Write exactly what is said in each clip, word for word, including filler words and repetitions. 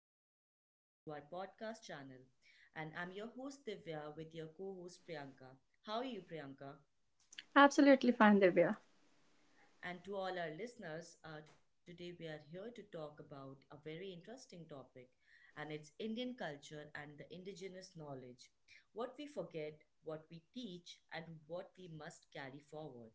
and welcome back to our podcast channel. And I'm your host Divya with your co host Priyanka. How are you, Priyanka? Absolutely fine, Divya. And to all our listeners, uh, today we are here to talk about a very interesting topic, and it's Indian culture and the indigenous knowledge. What we forget, what we teach, and what we must carry forward.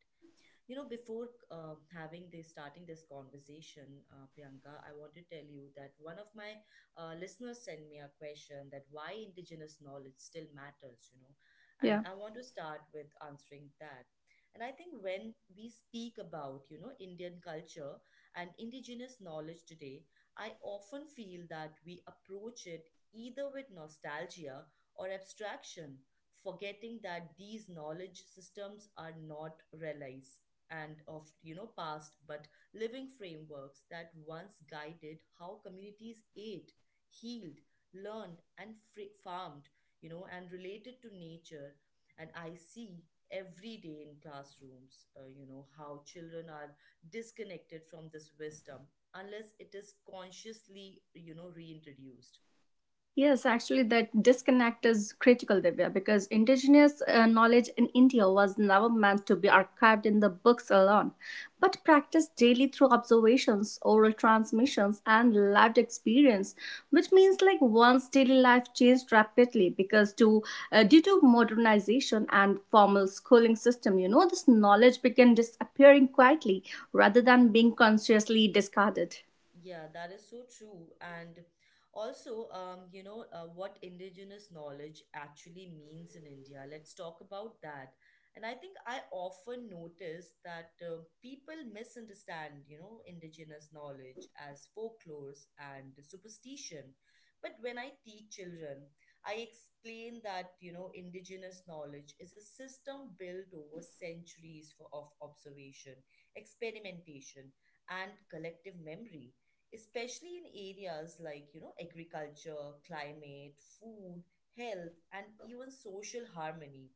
You know, before uh, having this, starting this conversation, uh, Priyanka, I want to tell you that one of my uh, listeners sent me a question that why indigenous knowledge still matters, you know, and Yeah. I want to start with answering that. And I think when we speak about, you know, Indian culture and indigenous knowledge today, I often feel that we approach it either with nostalgia or abstraction, forgetting that these knowledge systems are not relies and of, you know, past but living frameworks that once guided how communities ate, healed, learned, and fr- farmed, you know, and related to nature. And I see every day in classrooms, uh, you know, how children are disconnected from this wisdom unless it is consciously, you know, reintroduced. Yes, actually, that disconnect is critical, Divya, because indigenous uh, knowledge in India was never meant to be archived in the books alone, but practiced daily through observations, oral transmissions, and lived experience. Which means, like, once daily life changed rapidly because to uh, due to modernization and formal schooling system, you know, this knowledge began disappearing quietly rather Yeah. than being consciously discarded. Yeah, that is so true. And also, um, you know, uh, what indigenous knowledge actually means in India. Let's talk about that. And I think I often notice that uh, people misunderstand, you know, indigenous knowledge as folklores and superstition. But when I teach children, I explain that, you know, indigenous knowledge is a system built over centuries for, of observation, experimentation, and collective memory, especially in areas like, you know, agriculture, climate, food, health, and even social harmony,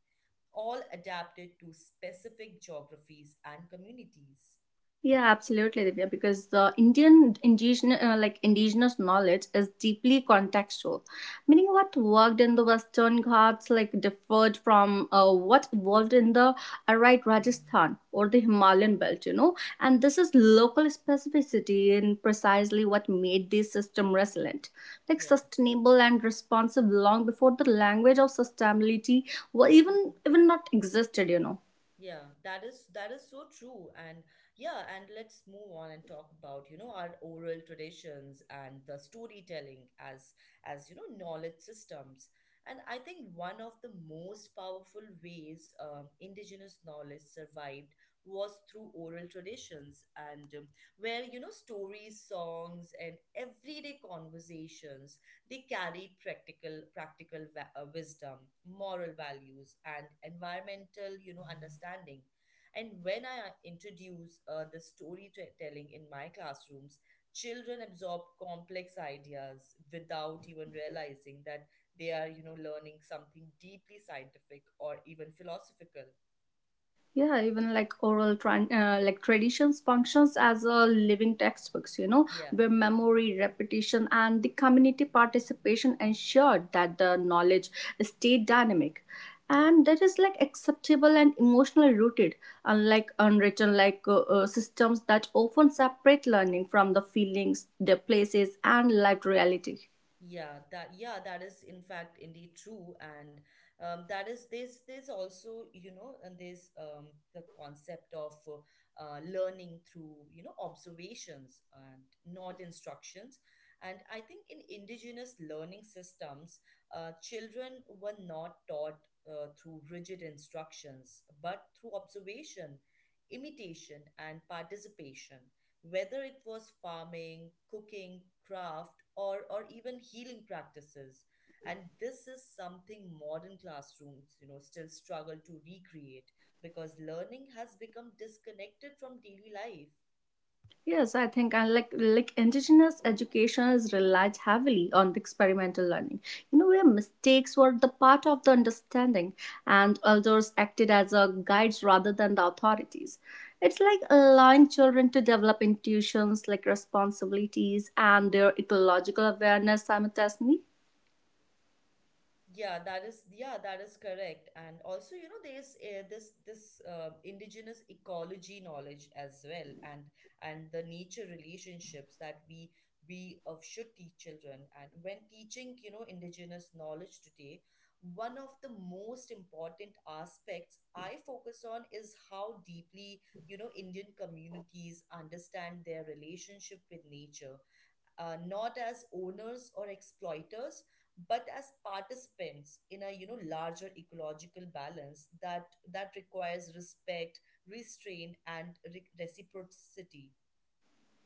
all adapted to specific geographies and communities. Yeah, absolutely, Divya. Because the Indian indigenous, uh, like indigenous knowledge is deeply contextual, meaning what worked in the Western Ghats like differed from uh, what evolved in the Arite Rajasthan or the Himalayan belt. You know, and this is local specificity in precisely what made this system resilient, like Yeah. sustainable and responsive long before the language of sustainability, well, even even not existed. You know. Yeah, that is that is so true. And yeah, and let's move on and talk about, you know, our oral traditions and the storytelling as as you know, knowledge systems. And I think one of the most powerful ways um, indigenous knowledge survived was through oral traditions and um, where, you know, stories, songs, and everyday conversations, they carry practical practical va- uh, wisdom, moral values, and environmental, you know, understanding. And when I uh, introduce uh, the storytelling in my classrooms, children absorb complex ideas without even realizing that they are, you know, learning something deeply scientific or even philosophical. Yeah, even like oral tran- uh, like traditions functions as a living textbooks, you know, Yeah, where memory repetition and the community participation ensured that the knowledge stayed dynamic yeah. and that is like acceptable and emotionally rooted, unlike unwritten like uh, uh, systems that often separate learning from the feelings, the places, and lived reality. Yeah, that yeah, that is in fact indeed true. And um, that is this there's there's also, you know, and there's um, the concept of uh, uh, learning through, you know, observations and not instructions. And I think in indigenous learning systems, uh, children were not taught uh, through rigid instructions, but through observation, imitation, and participation, whether it was farming, cooking, craft, or, or even healing practices. And this is something modern classrooms, you know, still struggle to recreate because learning has become disconnected from daily life. Yes, I think and like like indigenous education is relied heavily on the experimental learning. You know, where mistakes were the part of the understanding and elders acted as a guides rather than the authorities. It's like allowing children to develop intuitions like responsibilities and their ecological awareness simultaneously. Yeah, that is yeah, that is correct. And also, you know, there's uh, this this uh, indigenous ecology knowledge as well, and and the nature relationships that we we uh, should teach children. And when teaching, you know, indigenous knowledge today, one of the most important aspects I focus on is how deeply, you know, Indian communities understand their relationship with nature, uh, not as owners or exploiters, but as participants in a, you know, larger ecological balance that that requires respect, restraint, and re- reciprocity.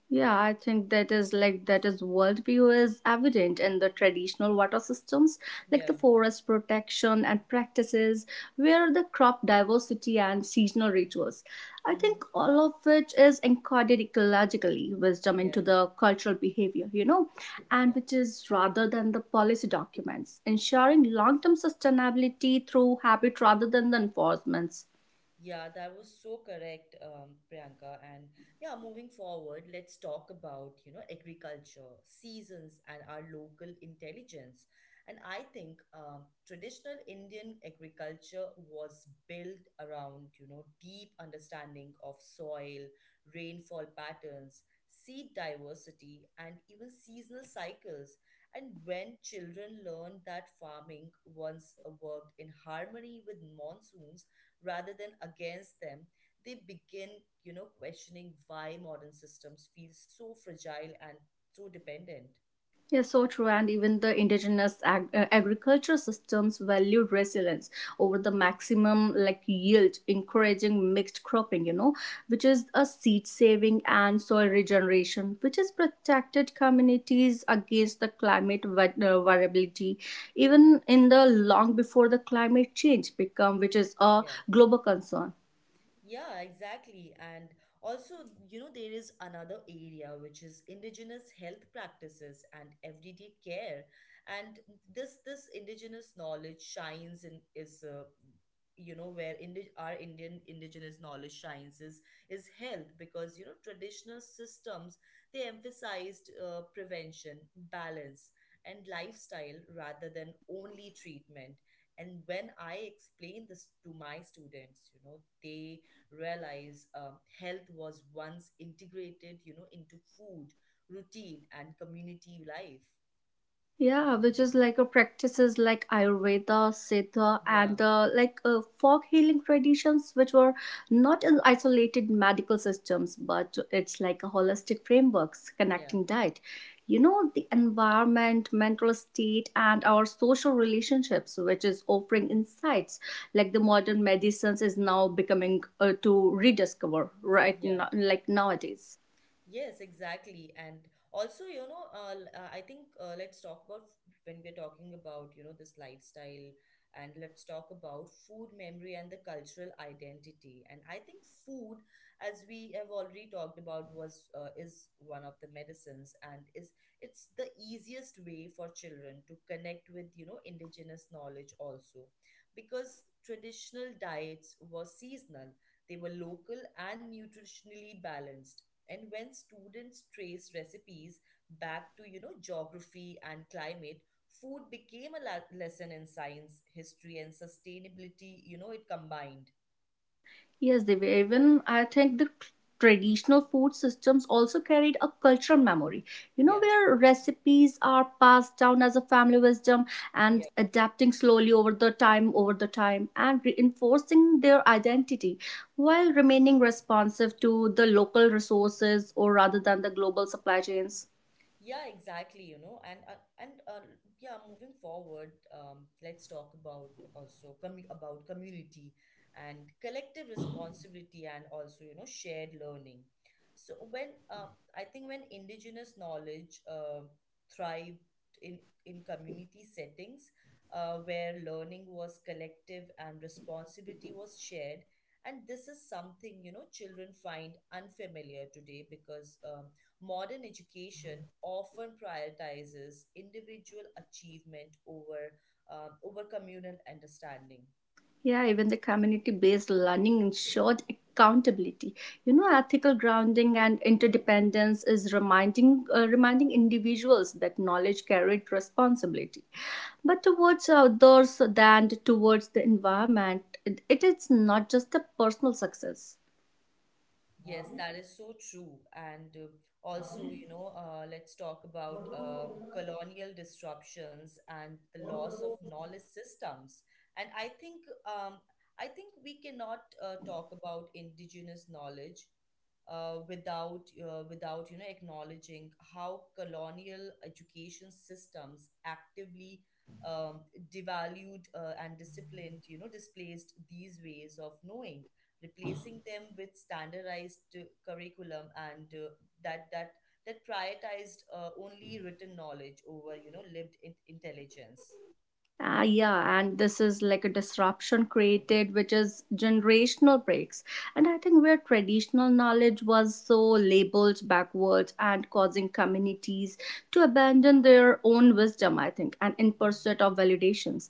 Yeah, I think that is like that is worldview is evident in the traditional water systems, like the Yeah. forest protection and practices where the crop diversity and seasonal rituals. I Hmm. think all of which is encoded ecologically wisdom into Yeah. the cultural behavior, you know, and Yeah. which is rather than the policy documents, ensuring long term sustainability through habit rather than the enforcements. Yeah, that was so correct, um, Priyanka. And yeah, moving forward, let's talk about, you know, agriculture, seasons, and our local intelligence. And I think um, traditional Indian agriculture was built around, you know, deep understanding of soil, rainfall patterns, seed diversity, and even seasonal cycles. And when children learned that farming once worked in harmony with monsoons, rather than against them, they begin, you know, questioning why modern systems feel so fragile and so dependent. Yes, so true. And even the indigenous ag- uh, agriculture systems valued resilience over the maximum like yield, encouraging mixed cropping, you know, which is a seed saving and soil regeneration, which has protected communities against the climate va- uh, variability, even in the long before the climate change become, which is a Yeah. global concern. Yeah, exactly. And also, you know, there is another area which is indigenous health practices and everyday care. And this this indigenous knowledge shines and is uh, you know where indi- our Indian indigenous knowledge shines is is health, because, you know, traditional systems, they emphasized uh, prevention, balance, and lifestyle rather than only treatment. And when I explain this to my students, you know, they realize um, health was once integrated, you know, into food, routine, and community life. Yeah, which is like a practices like Ayurveda, Siddha, Yeah, and uh, like uh, folk healing traditions, which were not in isolated medical systems, but it's like a holistic frameworks yeah, connecting diet, you know, the environment, mental state, and our social relationships, which is offering mhm, insights like the modern medicines is now becoming uh, to rediscover right yeah. now, like nowadays. Yes, exactly. And also, you know, uh, l- uh, I think uh, let's talk about when we're talking about, you know, this lifestyle, and let's talk about food memory and the cultural identity. And I think food, as we have already talked about, was uh, is one of the medicines, and is it's the easiest way for children to connect with, you know, indigenous knowledge also, because traditional diets were seasonal. They were local and nutritionally balanced, and when students trace recipes back to, you know, geography and climate, food became a la- lesson in science, history, and sustainability. You know, it combined. Yes, they were. Even I think the tr- traditional food systems also carried a cultural memory. You know, Yeah. where recipes are passed down as a family wisdom and Yeah. adapting slowly over the time, over the time, and reinforcing their identity while remaining responsive to the local resources or rather than the global supply chains. Yeah, exactly, you know, and uh, and uh, yeah, moving forward, um, let's talk about also commu about community and collective responsibility, and also, you know, shared learning. So when uh, I think when indigenous knowledge uh, thrived in in community settings, uh, where learning was collective and responsibility was shared. And this is something, you know, children find unfamiliar today, because um modern education often prioritizes individual achievement over, um, over communal understanding. Yeah, even the community based learning ensured accountability. You know, ethical grounding and interdependence is reminding uh, reminding individuals that knowledge carried responsibility, but towards others than towards the environment. It, it is not just a personal success. Yes, that is so true. And uh, also, you know, uh, let's talk about um colonial disruptions and the loss of knowledge systems. And I think um, I think we cannot uh, talk about indigenous knowledge uh, without uh, without, you know, acknowledging how colonial education systems actively um, devalued uh, and disciplined, you know, displaced these ways of knowing, replacing them with standardized uh, curriculum, and uh, that that that prioritized uh, only written knowledge over, you know, lived in- intelligence. Ah, yeah, and this is like a disruption created, which is generational breaks. And I think where traditional knowledge was so labeled backwards and causing communities to abandon their own wisdom, I think, and in pursuit of validations.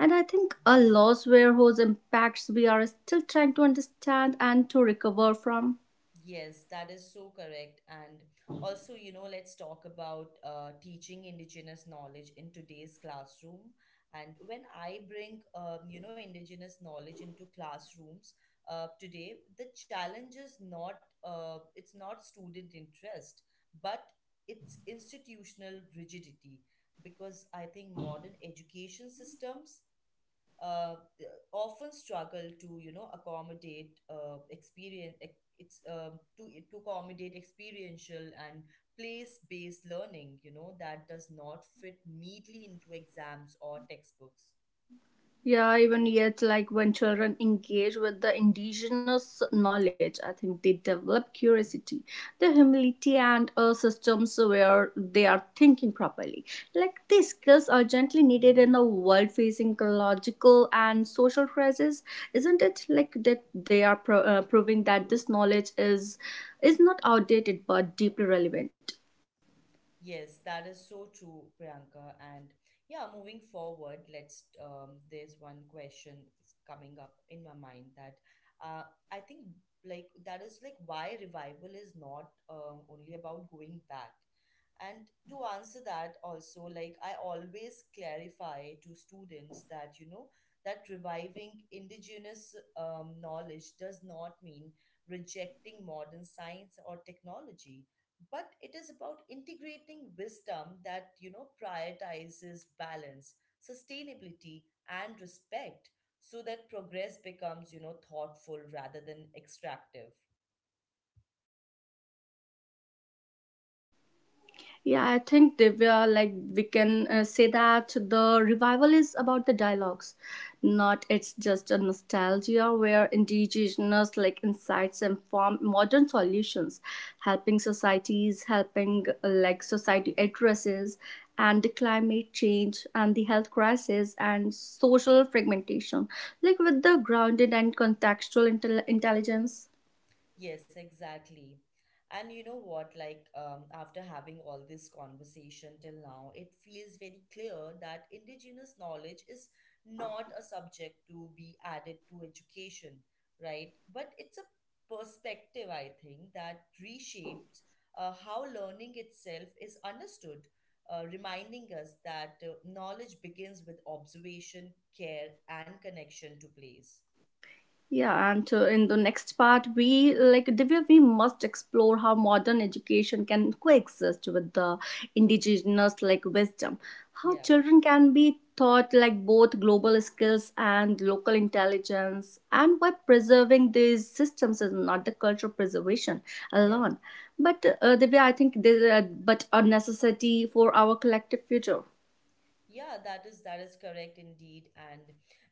And I think a loss where whose impacts we are still trying to understand and to recover from. Yes, that is so correct. And also, you know, let's talk about uh, teaching indigenous knowledge in today's classroom. And when I bring, um, you know, indigenous knowledge into classrooms uh, today, the challenge is not, uh, it's not student interest, but it's institutional rigidity. Because I think modern education systems uh, often struggle to, you know, accommodate uh, experience ex- it's um, to to accommodate experiential and place-based learning, you know, that does not fit neatly into exams or textbooks. Yeah, even yet, like when children engage with the indigenous knowledge, I think they develop curiosity, the humility, and uh, systems where they are thinking properly. Like these skills are gently needed in a world facing ecological and social crisis, isn't it? Like that they are pro- uh, proving that this knowledge is is not outdated but deeply relevant. Yes, that is so true, Priyanka. And yeah, moving forward, let's. Um, there's one question that's coming up in my mind that uh, I think like that is like why revival is not uh, only about going back. And to answer that, also, like I always clarify to students that, you know, that reviving indigenous um, knowledge does not mean rejecting modern science or technology, but it is about integrating wisdom that, you know, prioritizes balance, sustainability, and respect, so that progress becomes, you know, thoughtful rather than extractive. Yeah, I think Divya, like we can uh, say that the revival is about the dialogues, not it's just a nostalgia where indigenous like insights inform modern solutions, helping societies, helping uh, like society addresses and the climate change and the health crisis and social fragmentation, like with the grounded and contextual intel- intelligence. Yes, exactly. And you know what, like, um, after having all this conversation till now, it feels very clear that indigenous knowledge is not a subject to be added to education, right? But it's a perspective, I think, that reshapes uh, how learning itself is understood, uh, reminding us that uh, knowledge begins with observation, care, and connection to place. Yeah, and uh, in the next part, we like Divya, we must explore how modern education can coexist with the indigenous like wisdom, how Yeah, children can be taught like both global skills and local intelligence, and why preserving these systems is not the cultural preservation yeah. alone, but uh, Divya, I think there, uh, but a necessity for our collective future. Yeah, that is that is correct indeed. And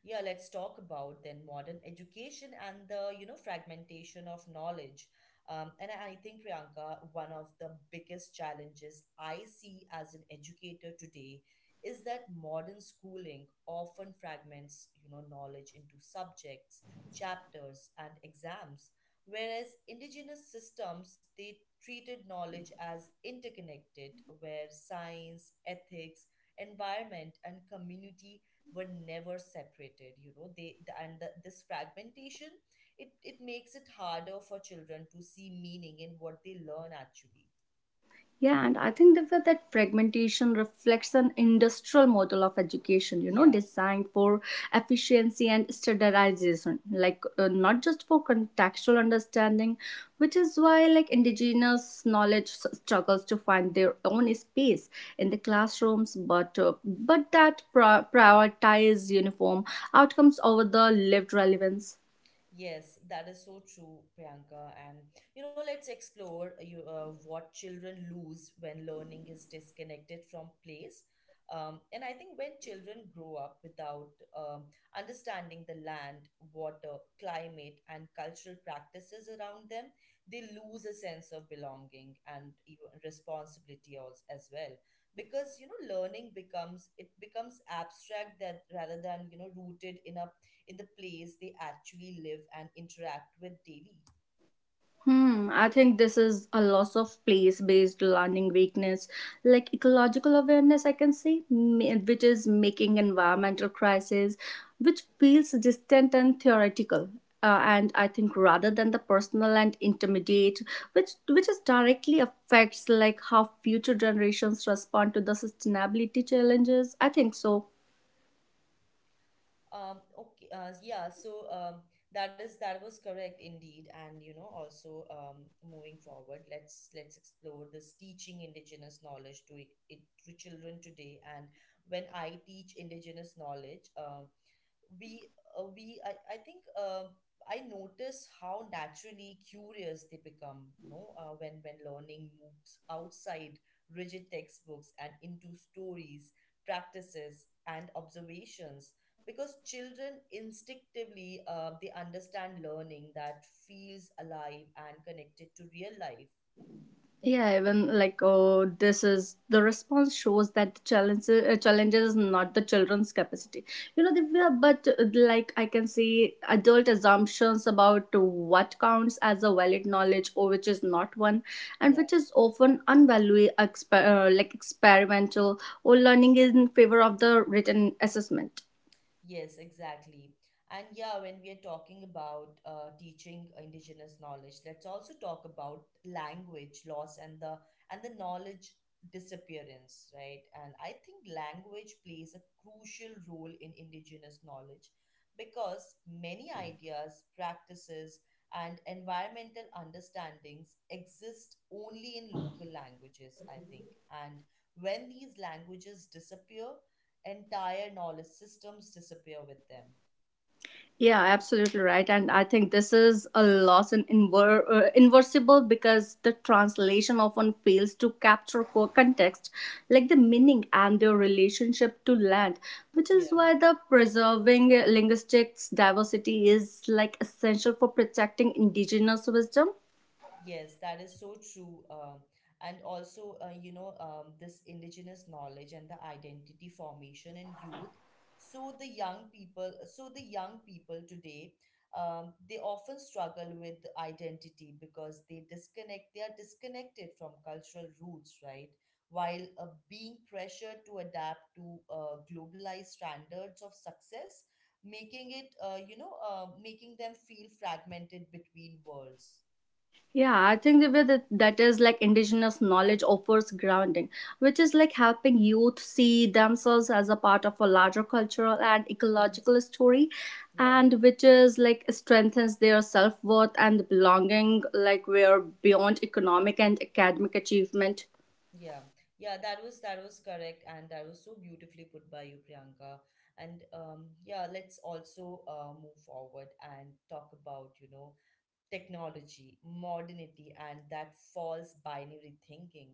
yeah, let's talk about then modern education and the, you know, fragmentation of knowledge. Um, and I I think, Priyanka, one of the biggest challenges I see as an educator today is that modern schooling often fragments, you know, knowledge into subjects, chapters, and exams, whereas indigenous systems, they treated knowledge as interconnected, where science, ethics, environment, and community were never separated, you know, they the, and the, this fragmentation, it it makes it harder for children to see meaning in what they learn actually. Yeah, and I think that that fragmentation reflects an industrial model of education, you know, Yeah. designed for efficiency and standardization, like uh, not just for contextual understanding, which is why like indigenous knowledge s- struggles to find their own space in the classrooms, but uh, but that pri- prioritize uniform outcomes over the lived relevance. Yes, that is so true, Priyanka. And you know, let's explore uh, you, uh, what children lose when learning is disconnected from place. Um, and I think when children grow up without um, understanding the land, water, climate, and cultural practices around them, they lose a sense of belonging and even responsibility als- as well. Because, you know, learning becomes, it becomes abstract, that rather than, you know, rooted in a in the place they actually live and interact with daily. Hmm, I think this is a loss of place based learning weakness, like ecological awareness, I can say, ma- which is making environmental crisis, which feels distant and theoretical. Uh, and I think rather than the personal and intermediate, which which is directly affects like how future generations respond to the sustainability challenges. I think so. Um, okay, uh, yeah, so um, that is that was correct indeed. And you know, also, um, moving forward, let's let's explore this teaching indigenous knowledge to it, it to children today. And when I teach indigenous knowledge, um, we uh, we I, I think uh, I notice how naturally curious they become, you know, uh, when when learning moves outside rigid textbooks and into stories, practices, and observations. Because children instinctively uh, they understand learning that feels alive and connected to real life. Yeah, even like oh, this is the response shows that the challenge uh, challenges is not the children's capacity. You know, they but uh, like I can see adult assumptions about what counts as a valid knowledge or which is not one, and which is often unvalued, exper- uh, like experimental or learning in favor of the written assessment. Yes, exactly. And yeah, when we are talking about uh, teaching indigenous knowledge, let's also talk about language loss and the and the knowledge disappearance, right? And I think language plays a crucial role in indigenous knowledge because many ideas, practices, and environmental understandings exist only in local languages, I think. And when these languages disappear, entire knowledge systems disappear with them. Yeah, absolutely right. And I think this is a loss in inver- uh, inversible because the translation often fails to capture core context, like the meaning and their relationship to land, which is why the preserving linguistics diversity is like essential for protecting indigenous wisdom. Yes, that is so true. Um, and also, uh, you know, um, this indigenous knowledge and the identity formation in youth. So the young people, so the young people today, um, they often struggle with identity because they disconnect. They are disconnected from cultural roots, right? While uh, being pressured to adapt to uh, globalized standards of success, making it, uh, you know, uh, making them feel fragmented between worlds. Yeah, I think the way that, that is like indigenous knowledge offers grounding, which is like helping youth see themselves as a part of a larger cultural and ecological story, Yeah, and which is like strengthens their self worth and belonging, like where beyond economic and academic achievement. yeah, yeah. That was that was correct, and that was so beautifully put by you, Priyanka. And um, yeah, let's also uh, move forward and talk about you know technology, modernity, and that false binary thinking.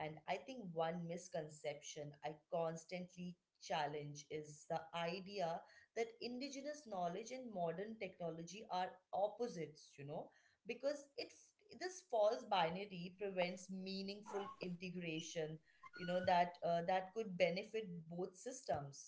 And I think one misconception I constantly challenge is the idea that indigenous knowledge and modern technology are opposites, you know, because it f- this false binary prevents meaningful integration, you know, that uh, that could benefit both systems.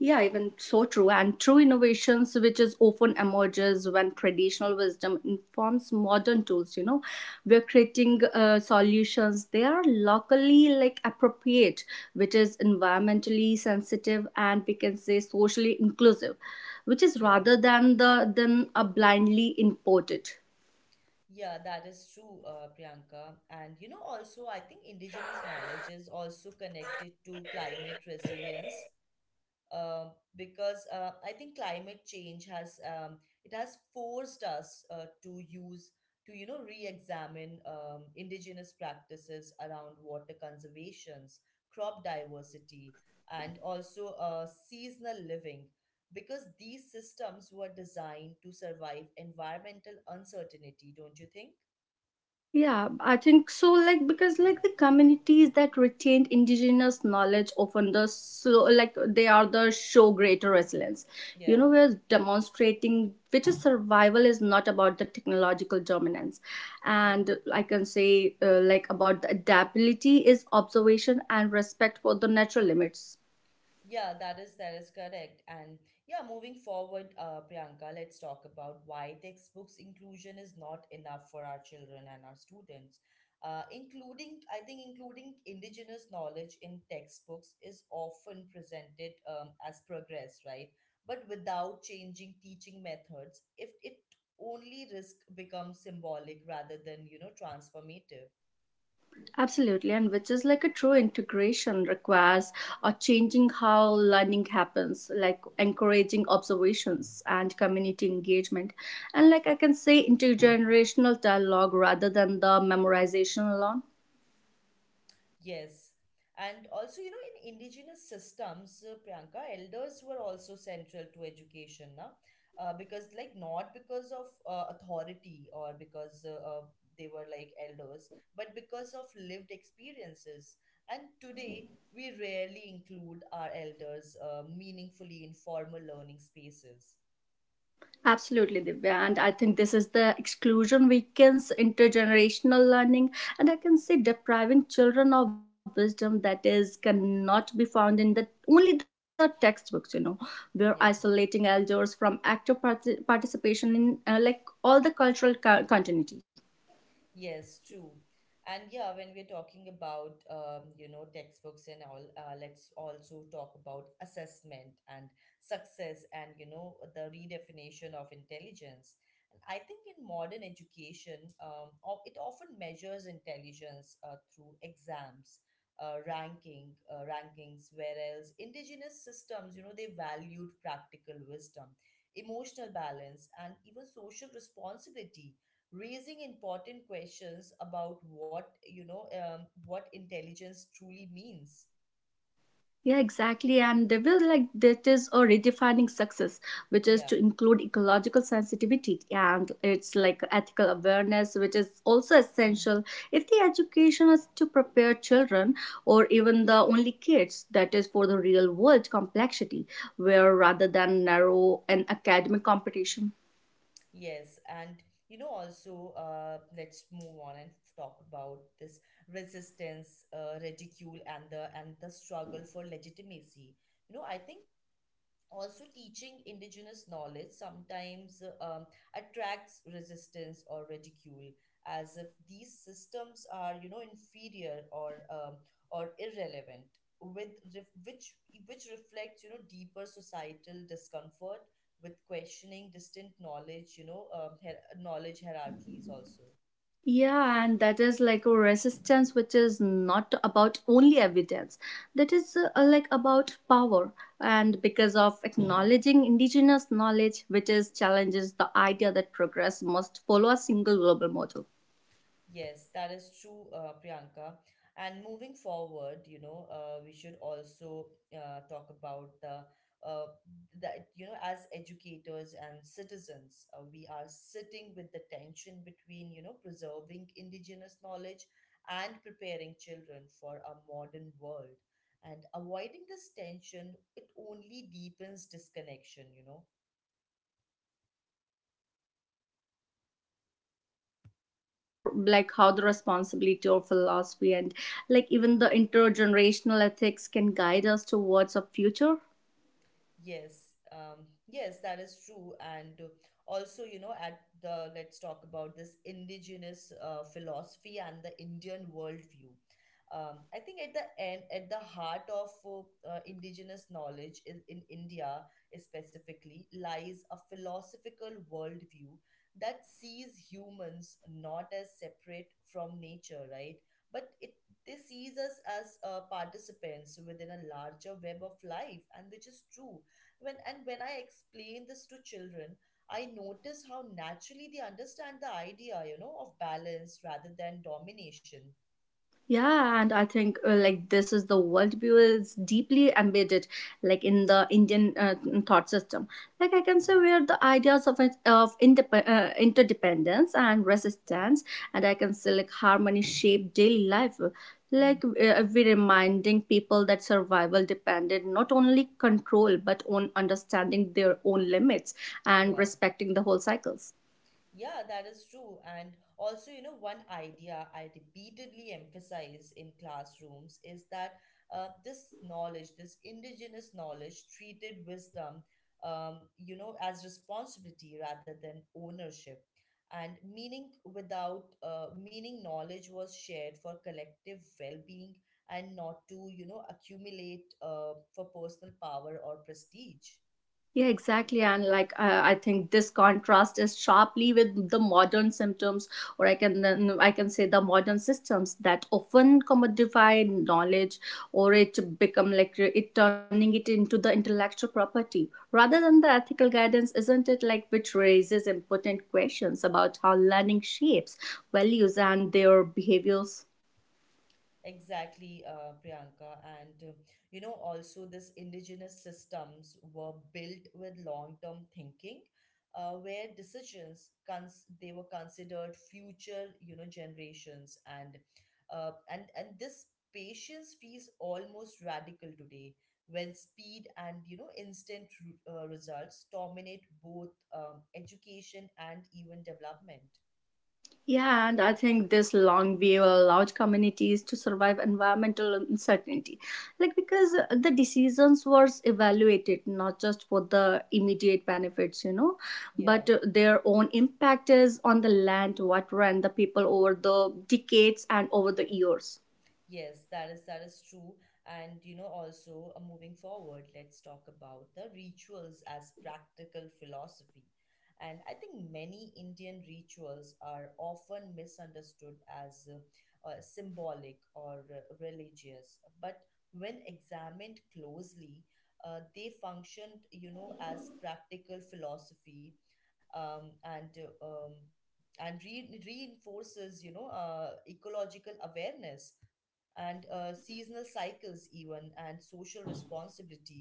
Yeah, even so true. And true innovations, which is often emerges when traditional wisdom informs modern tools. You know, we're creating uh, solutions. They are locally like appropriate, which is environmentally sensitive and we can say socially inclusive, which is Yeah. rather than the than a blindly imported. Yeah, that is true, uh, Priyanka. And you know, also, I think indigenous knowledge is also connected to climate resilience, uh, because uh, I think climate change has um, it has forced us uh, to use to you know re-examine um, indigenous practices around water conservations, crop diversity, and also uh, seasonal living. Because these systems were designed to survive environmental uncertainty, don't you think? Yeah, I think so. Like because like the communities that retained indigenous knowledge often the so like they are the show greater resilience. You Yeah, know, we're demonstrating which is survival is not about the technological dominance, yeah, and I can say uh, like about the adaptability is observation and respect for the natural limits. yeah. That is that is correct. And yeah, moving forward, uh, Priyanka, let's talk about why textbooks inclusion is not enough for our children and our students. Uh, including, I think, including indigenous knowledge in textbooks is often presented um, as progress, right? But without changing teaching methods, if it only risk becomes symbolic rather than you know transformative. Absolutely, and which is like a true integration requires or changing how learning happens, like encouraging observations and community engagement, and like I can say intergenerational dialogue rather than the memorization alone. Yes. And also, you know, in indigenous systems, uh, Priyanka, elders were also central to education, na? Uh, because, like, not because of uh, authority or because uh, uh, they were like elders, but because of lived experiences. And today, we rarely include our elders uh, meaningfully in formal learning spaces. Absolutely, Divya. And I think this is the exclusion weakens intergenerational learning. And I can see depriving children of wisdom that is cannot be found in the only the textbooks, you know. We're isolating Yeah. elders from active parti- participation in uh, like all the cultural co- continuity. Yes, true. And yeah, when we're talking about um, you know textbooks and all, uh, let's also talk about assessment and success and you know the redefinition of intelligence. And I think in modern education, um, o- it often measures intelligence uh, through exams, uh, ranking, uh, rankings. Whereas indigenous systems, you know, they valued practical wisdom, emotional balance, and even social responsibility raising important questions about what you know um, what intelligence truly means. Yeah, exactly. And they will like that is a redefining success, which is to Yeah. include ecological sensitivity and it's like ethical awareness, which is also Mhm. essential if the education is to prepare children or even the only kids that is for the real world complexity, where rather than narrow an academic competition. Yes, and you know also uh, let's move on and talk about this resistance uh, ridicule and the and the struggle for legitimacy. You know I think also teaching indigenous knowledge sometimes uh, um, attracts resistance or ridicule as if these systems are you know inferior or um, or irrelevant, with ref- which which reflects you know deeper societal discomfort with questioning distant knowledge, you know, um, hier- knowledge hierarchies also. Yeah, and that is like a resistance which is not about only evidence, that is uh, like about power. And because of acknowledging indigenous knowledge, which is challenges the idea that progress must follow a single global model. Yes, that is true, uh, Priyanka. And moving forward, you know, uh, we should also uh, talk about the uh, that you know, as educators and citizens, uh, we are sitting with the tension between you know preserving indigenous knowledge and preparing children for a modern world. And avoiding this tension, it only deepens disconnection. You know. Or like how the responsibility or philosophy and like even the intergenerational ethics can guide us towards a future. Yes, um, yes, that is true. And uh, also, you know, at the let's talk about this indigenous uh, philosophy and the Indian worldview. Um, I think at the end, at the heart of uh, uh, indigenous knowledge in, in India specifically lies a philosophical worldview that sees humans not as separate from nature, right? But it they sees us as uh, participants within a larger web of life, and which is true when and when I explain this to children, I notice how naturally they understand the idea, you know, of balance rather than domination. Yeah, and I think uh, like this is the worldview is deeply embedded, like in the Indian uh, thought system. Like I can say where the ideas of it- of indep- uh, interdependence and Yeah. resistance, and I can say like harmony shape daily life. Mhm. Like uh, we reminding people that survival depended not only control but on understanding their own limits and Yeah. respecting the whole cycles. Yeah, that is true. And also, you know, one idea I repeatedly emphasize in classrooms is that uh, this knowledge, this indigenous knowledge, treated wisdom, um, you know, as responsibility rather than ownership. And meaning without uh, meaning, knowledge was shared for collective well-being and not to, you know, accumulate uh, for personal power or prestige. Yeah, exactly. And like, uh, I think this contrast is sharply with the modern symptoms, or I can then I can say the modern systems that often commodify knowledge, or it become like uh, it turning it into the intellectual property rather than the ethical guidance, isn't it? Like, which raises important questions about how learning shapes values and their behaviors. Exactly, uh, Priyanka. And uh, you know, also this indigenous systems were built with long-term thinking, uh, where decisions cons they were considered future, you know, generations, and uh, and and this patience feels almost radical today, when speed and you know instant ru- uh, results dominate both um, education and even development. Yeah, and I think this long view allowed communities to survive environmental uncertainty. Like, because the decisions were evaluated not just for the immediate benefits, you know, Yeah. but uh, their own impact is on the land, water, and the people over the decades and over the years. Yes, that is that is true. And you know, also uh, moving forward, let's talk about the rituals as practical philosophy. And I think many Indian rituals are often misunderstood as uh, uh, symbolic or uh, religious, but when examined closely, uh, they functioned, you know, as practical philosophy. Um, and uh, um, and re- reinforces you know uh, ecological awareness and uh, seasonal cycles even and social responsibility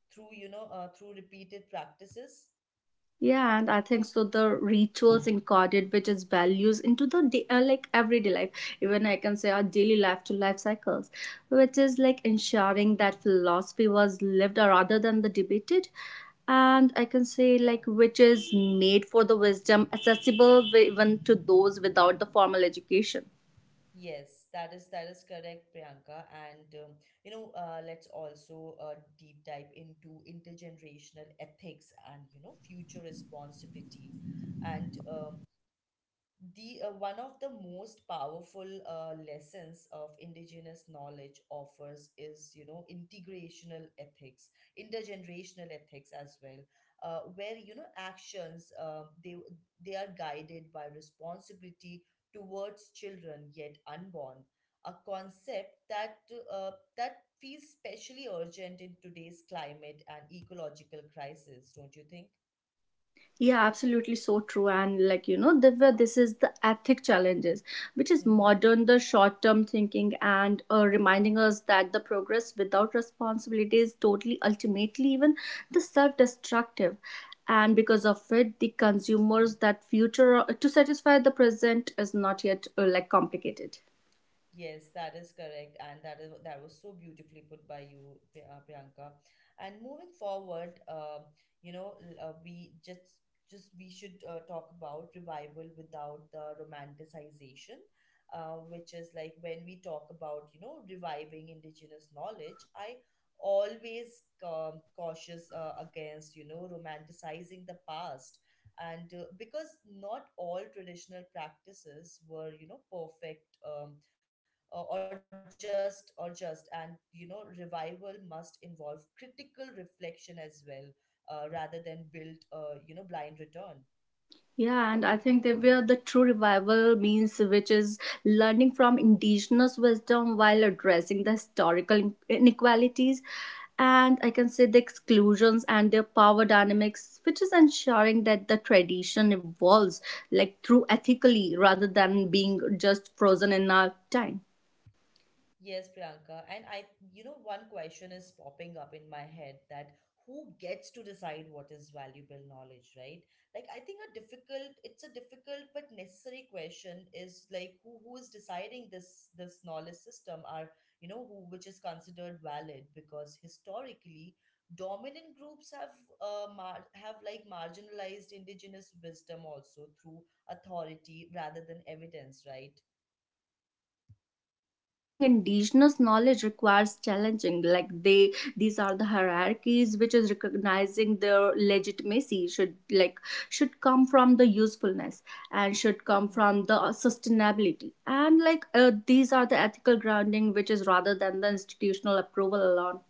through you know uh, through repeated practices. Yeah, and I think so. The rituals encoded, which is values into the day, uh, like everyday life, even I can say our daily life to life cycles, which is like ensuring that philosophy was lived rather than the debated, and I can say Yeah. like which is made for the wisdom accessible even to those without the formal education. Yes that is that is correct, Priyanka. And um, you know uh, let's also uh, deep dive into intergenerational ethics and you know future responsibility. And uh, the uh, one of the most powerful uh, lessons of indigenous knowledge offers is you know integrational ethics, intergenerational ethics as well, uh, where you know actions uh, they they are guided by responsibility towards children yet unborn, a concept that uh, that feels especially urgent in today's climate and ecological crisis, don't you think? Yeah, absolutely so true. And like, you know, Divya, this is the ethic challenges, which is Mm-hmm. modern, the short term thinking and uh, reminding us that the progress without responsibility is totally, ultimately, even the self destructive. And because of it, the consumers that future uh, to satisfy the present is not yet uh, like complicated. Yes, that is correct, and that is that was so beautifully put by you, Pri- uh, Priyanka. And moving forward, um, you know, l- uh, we just just we should uh, talk about revival without the romanticization, uh, which is like when we talk about you know reviving indigenous knowledge. I always um, cautious uh, against you know romanticizing the past, and uh, because not all traditional practices were you know perfect. Um, uh, or just or just and you know revival must involve critical reflection as well, uh, rather than build uh, you know blind return. Yeah, and I think that where the true revival means, which is learning from indigenous wisdom while addressing the historical inequalities and I can say the exclusions and their power dynamics, which is ensuring that the tradition evolves like through ethically rather than being just frozen in our time. Yes, Priyanka. And I, you know, one question is popping up in my head, that who gets to decide what is valuable knowledge, right? Like I think a difficult, it's a difficult but necessary question is like who who is deciding this this knowledge system are, you know, who which is considered valid, because historically dominant groups have uh, mar- have like marginalized indigenous wisdom also through authority rather than evidence, right? Claiming indigenous knowledge requires challenging like they these are the hierarchies which is recognizing their legitimacy should like should come from the usefulness and should come from the sustainability and like uh, these are the ethical grounding which is rather than the institutional approval alone.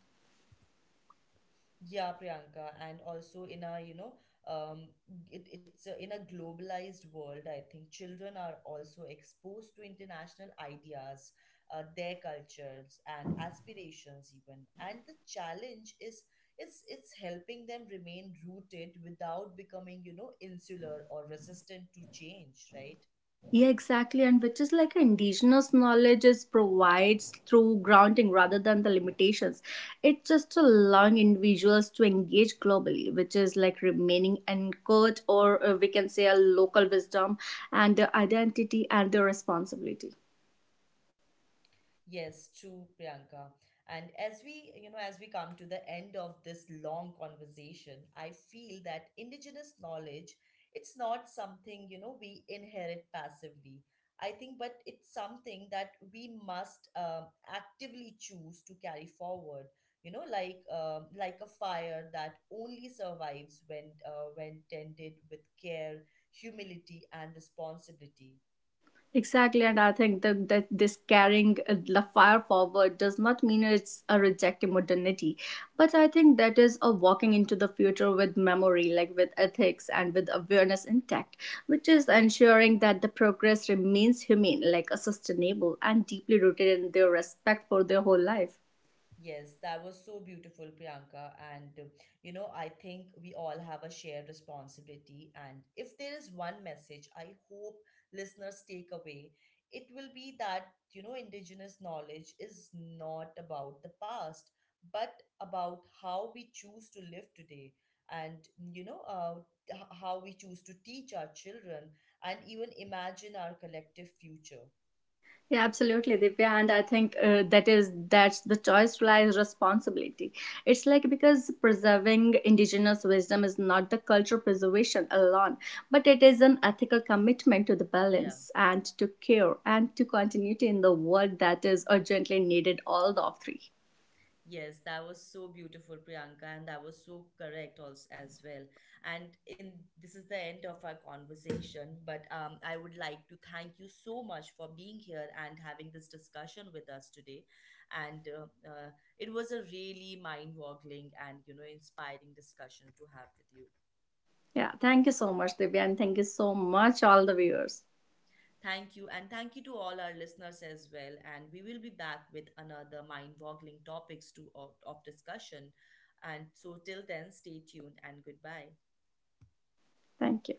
Yeah, Priyanka, and also in a, you know, um, it, it's a, in a globalized world, I think children are also exposed to international ideas, uh, their cultures and aspirations even. And the challenge is is it's helping them remain rooted without becoming, you know, insular or resistant to change, right? Yeah, exactly. And which is like indigenous knowledge is provides through grounding rather than the limitations. It just allowing individuals to engage globally, which is like remaining anchored or uh, we can say a local wisdom and uh, identity and the responsibility. Yes, true, Priyanka. And as we, you know, as we come to the end of this long conversation, I feel that indigenous knowledge, it's not something, you know, we inherit passively. I think, but it's something that we must um, actively choose to carry forward. You know, like um, like a fire that only survives when uh, when tended with care, humility, and responsibility. Exactly, and I think that, that this carrying uh, the fire forward does not mean it's a rejecting modernity, but I think that is a walking into the future with memory, like with ethics and with awareness intact, which is ensuring that the progress remains humane, like a sustainable and deeply rooted in their respect for their whole life. Yes, that was so beautiful, Priyanka. And, uh, you know, I think we all have a shared responsibility. And if there is one message I hope listeners take away, it will be that, you know, indigenous knowledge is not about the past, but about how we choose to live today. And, you know, uh, h- how we choose to teach our children and even imagine our collective future. Yeah, absolutely, Divya, and I think uh, that is that's the choice lies responsibility. It's like because preserving indigenous wisdom is not the cultural preservation alone, but it is an ethical commitment to the Yeah. balance and to care and to continuity in the world that is urgently needed. All the three. Yes, that was so beautiful, Priyanka, and that was so correct also as well. And in this is the end of our conversation, but um, I would like to thank you so much for being here and having this discussion with us today. And uh, uh, it was a really mind-boggling and you know inspiring discussion to have with you. Yeah, thank you so much, Divya, and thank you so much, all the viewers. Thank you, and thank you to all our listeners as well. And we will be back with another mind-boggling topics to of, of discussion. And so till then, stay tuned and goodbye. Thank you.